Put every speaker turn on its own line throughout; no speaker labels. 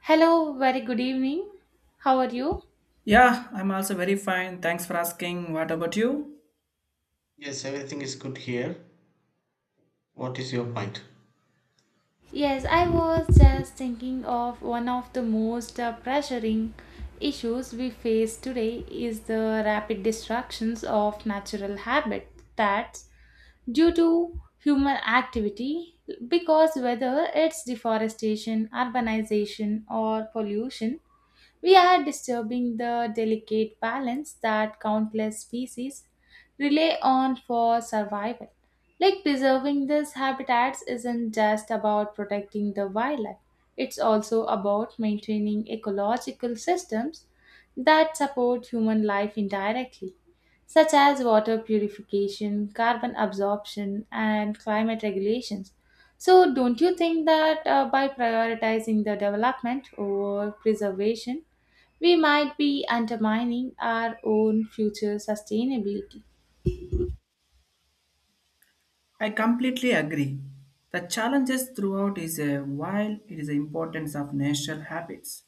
Hello, very good evening. How are you?
Yeah, I'm also very fine. Thanks for asking. What about you?
Yes, everything is good here. What is your point?
Yes, I was just thinking of one of the most pressuring issues we face today is the rapid destructions of natural habitat that's due to human activity, because whether it's deforestation, urbanization or pollution, we are disturbing the delicate balance that countless species rely on for survival. Like, preserving these habitats isn't just about protecting the wildlife, it's also about maintaining ecological systems that support human life indirectly, such as water purification, carbon absorption, and climate regulations. So, don't you think that by prioritizing the development over preservation, we might be undermining our own future sustainability.
I completely agree. The challenges throughout is a while it is the importance of natural habits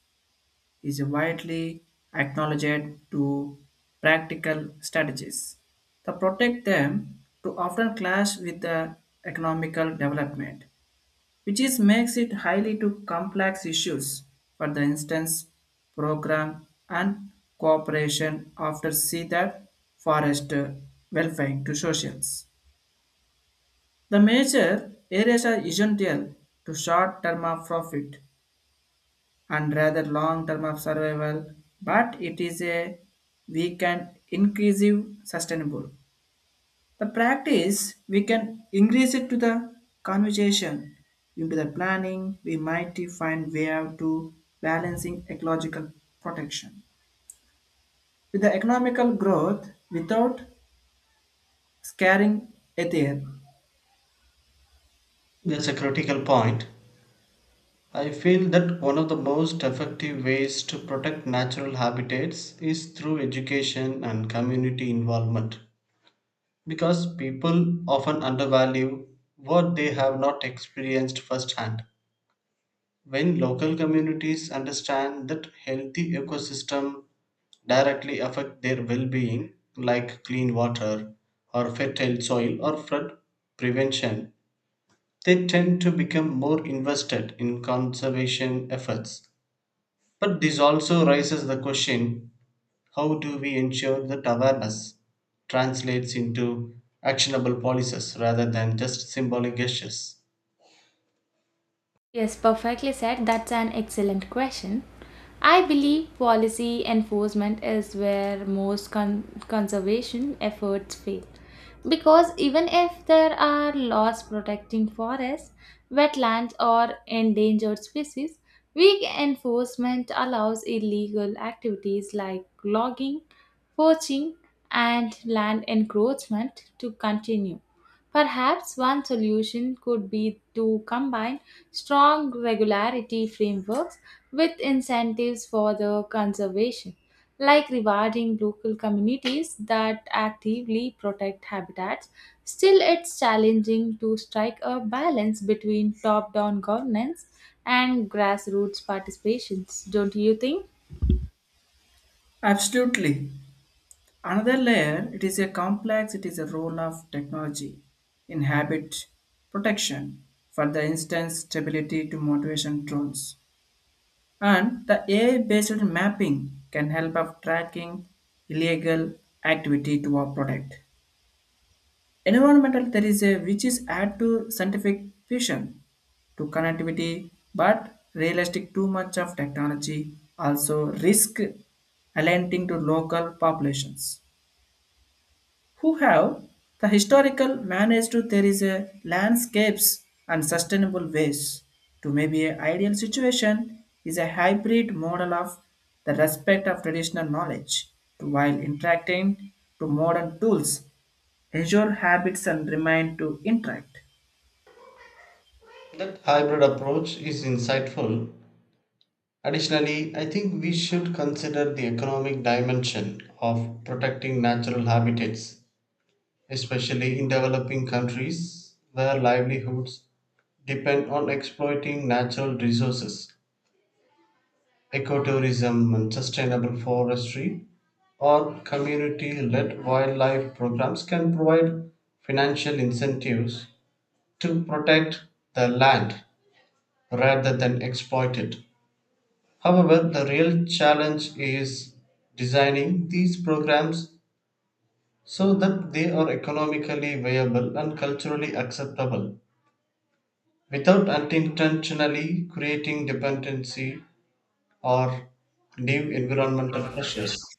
is widely acknowledged to practical strategies. To protect them to often clash with the economical development which is makes it highly to complex issues. For the instance, program and cooperation after see that forest welfare to socials. The major areas are essential to short term of profit and rather long term of survival, but it is a we can inclusive sustainable. The practice we can increase it to the conversation into the planning we might find way out to balancing ecological protection with the economical growth without scaring ethics.
That's a critical point. I feel that one of the most effective ways to protect natural habitats is through education and community involvement. Because people often undervalue what they have not experienced firsthand. When local communities understand that healthy ecosystem directly affect their well-being, like clean water or fertile soil or flood prevention, they tend to become more invested in conservation efforts. But this also raises the question, how do we ensure that awareness translates into actionable policies rather than just symbolic gestures?
Yes, perfectly said. That's an excellent question. I believe policy enforcement is where most conservation efforts fail. Because even if there are laws protecting forests, wetlands, or endangered species, weak enforcement allows illegal activities like logging, poaching, and land encroachment to continue. Perhaps one solution could be to combine strong regularity frameworks with incentives for the conservation, like rewarding local communities that actively protect habitats. Still, it's challenging to strike a balance between top down governance and grassroots participations, don't you think?
Absolutely. Another layer it is a complex it is a role of technology in habit protection for the instance stability to motivation drones, and the AI-based mapping can help of tracking illegal activity to our product. Environmental there is a which is add to scientific vision to connectivity, but realistic too much of technology also risk aligning to local populations who have the historical managed to there is a landscapes and sustainable ways to maybe a ideal situation is a hybrid model of the respect of traditional knowledge to while interacting to modern tools ensure habits and remain to interact.
That hybrid approach is insightful. Additionally, I think we should consider the economic dimension of protecting natural habitats, especially in developing countries where livelihoods depend on exploiting natural resources, ecotourism and sustainable forestry, or community led wildlife programs can provide financial incentives to protect the land rather than exploit it. However, the real challenge is designing these programs so that they are economically viable and culturally acceptable without unintentionally creating dependency or new environmental pressures.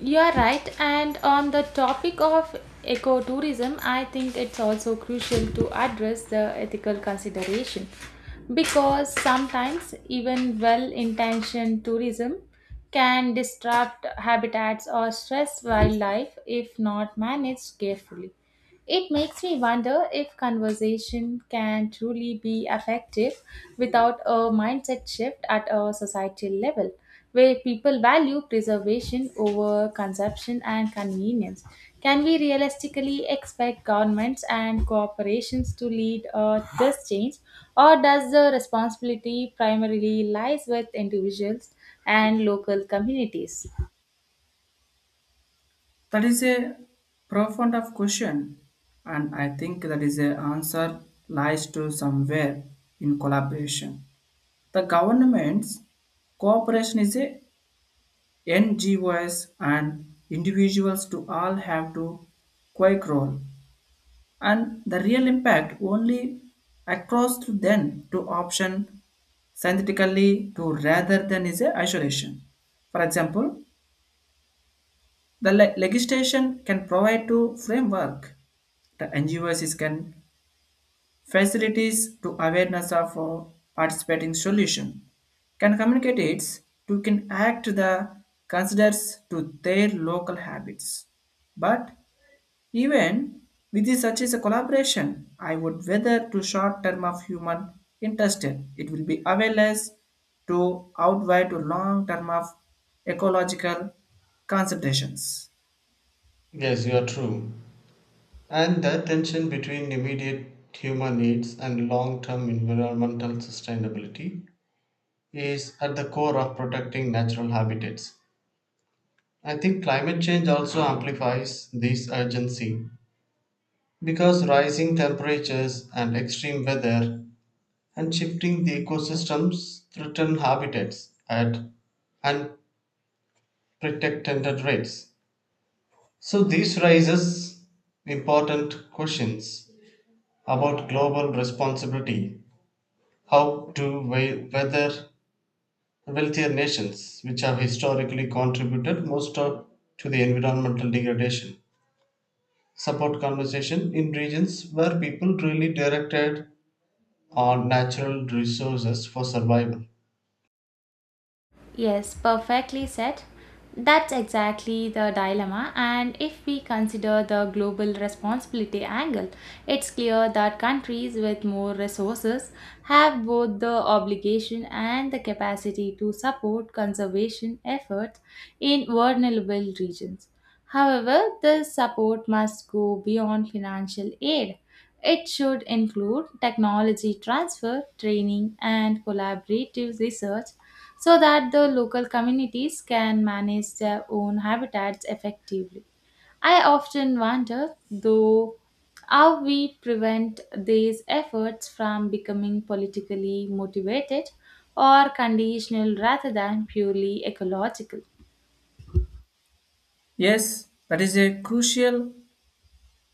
You are right, and on the topic of ecotourism, I think it's also crucial to address the ethical consideration, because sometimes even well intentioned tourism can disrupt habitats or stress wildlife if not managed carefully. It makes me wonder if conversation can truly be effective without a mindset shift at a societal level, where people value preservation over consumption and convenience. Can we realistically expect governments and corporations to lead this change, or does the responsibility primarily lies with individuals and local communities?
That is a profound of question, and I think that is a answer lies to somewhere in collaboration the government's cooperation is a NGOs and individuals to all have to quake role, and the real impact only across to then to option synthetically to rather than is a isolation. For example, the legislation can provide to framework. The NGOs is can facilities to awareness of participating solution can communicate it to can act the considers to their local habits, but even with this such as a collaboration I would whether to short term of human interested it will be awareness to outweigh to long term of ecological considerations.
Yes, you are true. And the tension between immediate human needs and long term environmental sustainability is at the core of protecting natural habitats. I think climate change also amplifies this urgency because rising temperatures and extreme weather and shifting the ecosystems threaten habitats at unprecedented rates. So, this raises important questions about global responsibility. How to whether wealthier nations, which have historically contributed most of, to the environmental degradation, support conservation in regions where people really directed on natural resources for survival.
Yes, perfectly said. That's exactly the dilemma. And if we consider the global responsibility angle, it's clear that countries with more resources have both the obligation and the capacity to support conservation efforts in vulnerable regions. However, this support must go beyond financial aid. It should include technology transfer, training, and collaborative research so that the local communities can manage their own habitats effectively. I often wonder, though, how we prevent these efforts from becoming politically motivated or conditional rather than purely ecological.
Yes, that is a crucial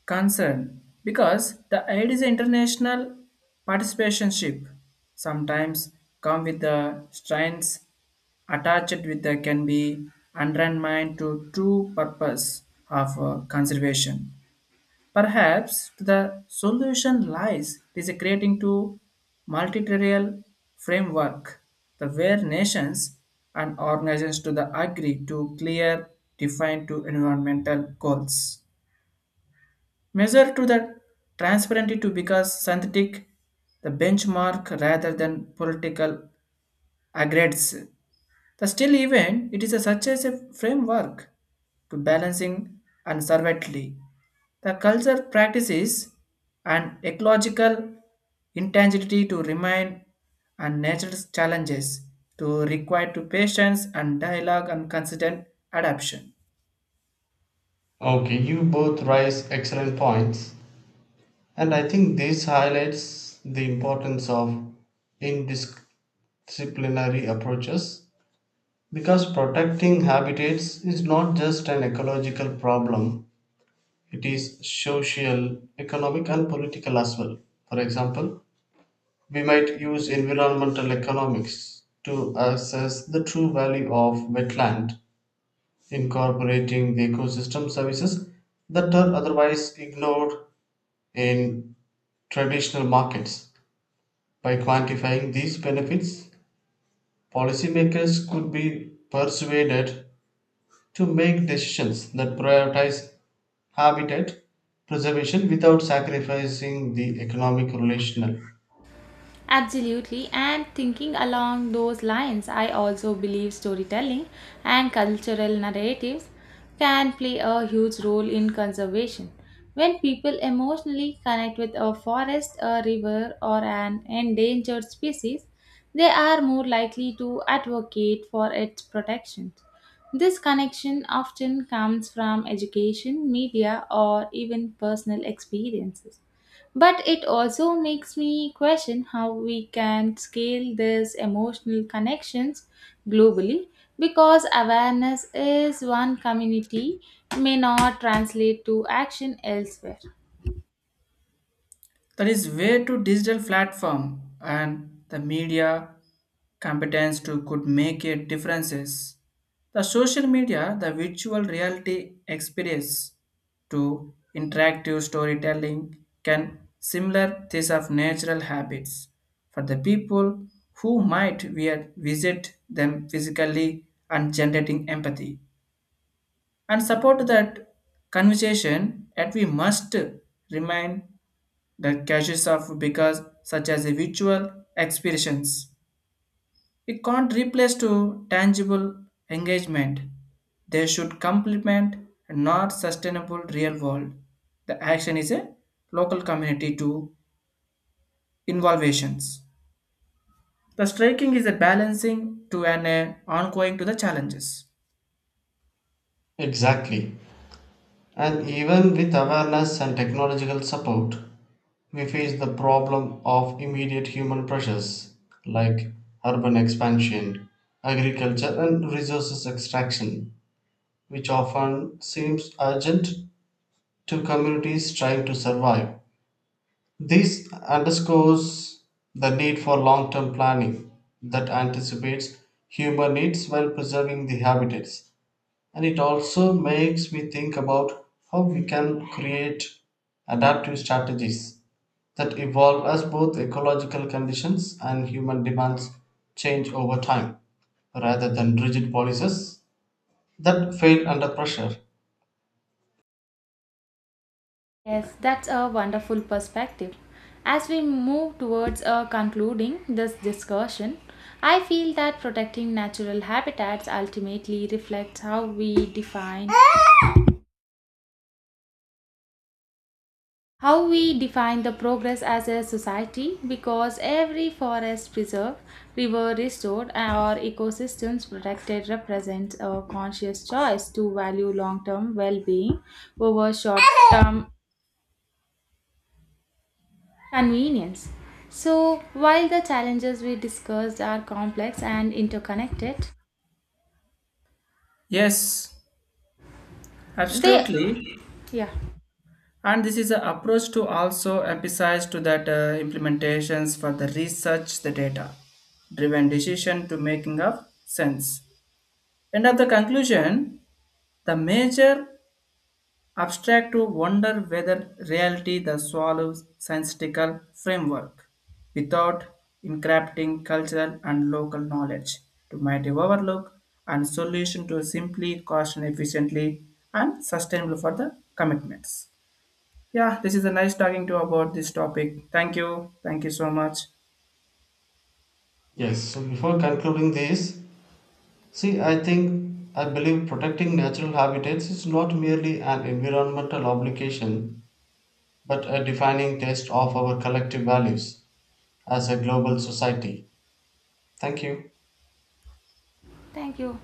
concern because the aid is international participationship sometimes come with the strains attached with the can be undermined to true purpose of conservation. Perhaps the solution lies is creating to multilateral framework the where nations and organizations to the agree to clear defined to environmental goals measure to the transparency to because synthetic the benchmark rather than political aggregates. The still event it is a, such as a framework to balancing and servantly the culture practices and ecological intangibility to remain and nature's challenges to require to patience and dialogue and consistent adaptation.
Okay, you both raise excellent points, and I think this highlights the importance of indisciplinary approaches. Because protecting habitats is not just an ecological problem, it is social, economic, and political as well. For example, we might use environmental economics to assess the true value of wetland, incorporating the ecosystem services that are otherwise ignored in traditional markets. By quantifying these benefits, policymakers could be persuaded to make decisions that prioritize habitat preservation without sacrificing the economic relational.
Absolutely, and thinking along those lines, I also believe storytelling and cultural narratives can play a huge role in conservation. When people emotionally connect with a forest, a river, or an endangered species, they are more likely to advocate for its protection. This connection often comes from education, media, or even personal experiences. But it also makes me question how we can scale these emotional connections globally, because awareness is one community may not translate to action elsewhere.
That is way to digital platform and the media competence to could make a differences. The social media, the virtual reality experience to interactive storytelling can similar this of natural habits for the people who might visit them physically and generating empathy and support that conversation that we must remind that caches of because such as a virtual experience it can't replace to tangible engagement. They should complement and not sustainable real world the action is a local community to involvations the striking is a balancing to an ongoing to the challenges.
Exactly. And even with awareness and technological support, we face the problem of immediate human pressures like urban expansion, agriculture, and resources extraction, which often seems urgent to communities trying to survive. This underscores the need for long term planning that anticipates human needs while preserving the habitats. And it also makes me think about how we can create adaptive strategies that evolve as both ecological conditions and human demands change over time rather than rigid policies that fail under pressure.
Yes, that's a wonderful perspective. As we move towards concluding this discussion, I feel that protecting natural habitats ultimately reflects how we define, how we define the progress as a society, because every forest preserved, river restored or ecosystems protected represents a conscious choice to value long-term well-being over short-term convenience. So while the challenges we discussed are complex and interconnected,
Yes,
they,
absolutely.
yeah,
And this is an approach to also emphasize to that implementations for the research the data driven decision to making of sense end of the conclusion the major abstract to wonder whether reality the swallow scientific framework without encrypting cultural and local knowledge to mighty overlook and solution to simply cost and efficiently and sustainable for the commitments. Yeah, this is a nice talking to about this topic. Thank you. Thank you so much.
Yes, so before concluding this, see, I think, I believe protecting natural habitats is not merely an environmental obligation, but a defining test of our collective values as a global society. Thank you.
thank you.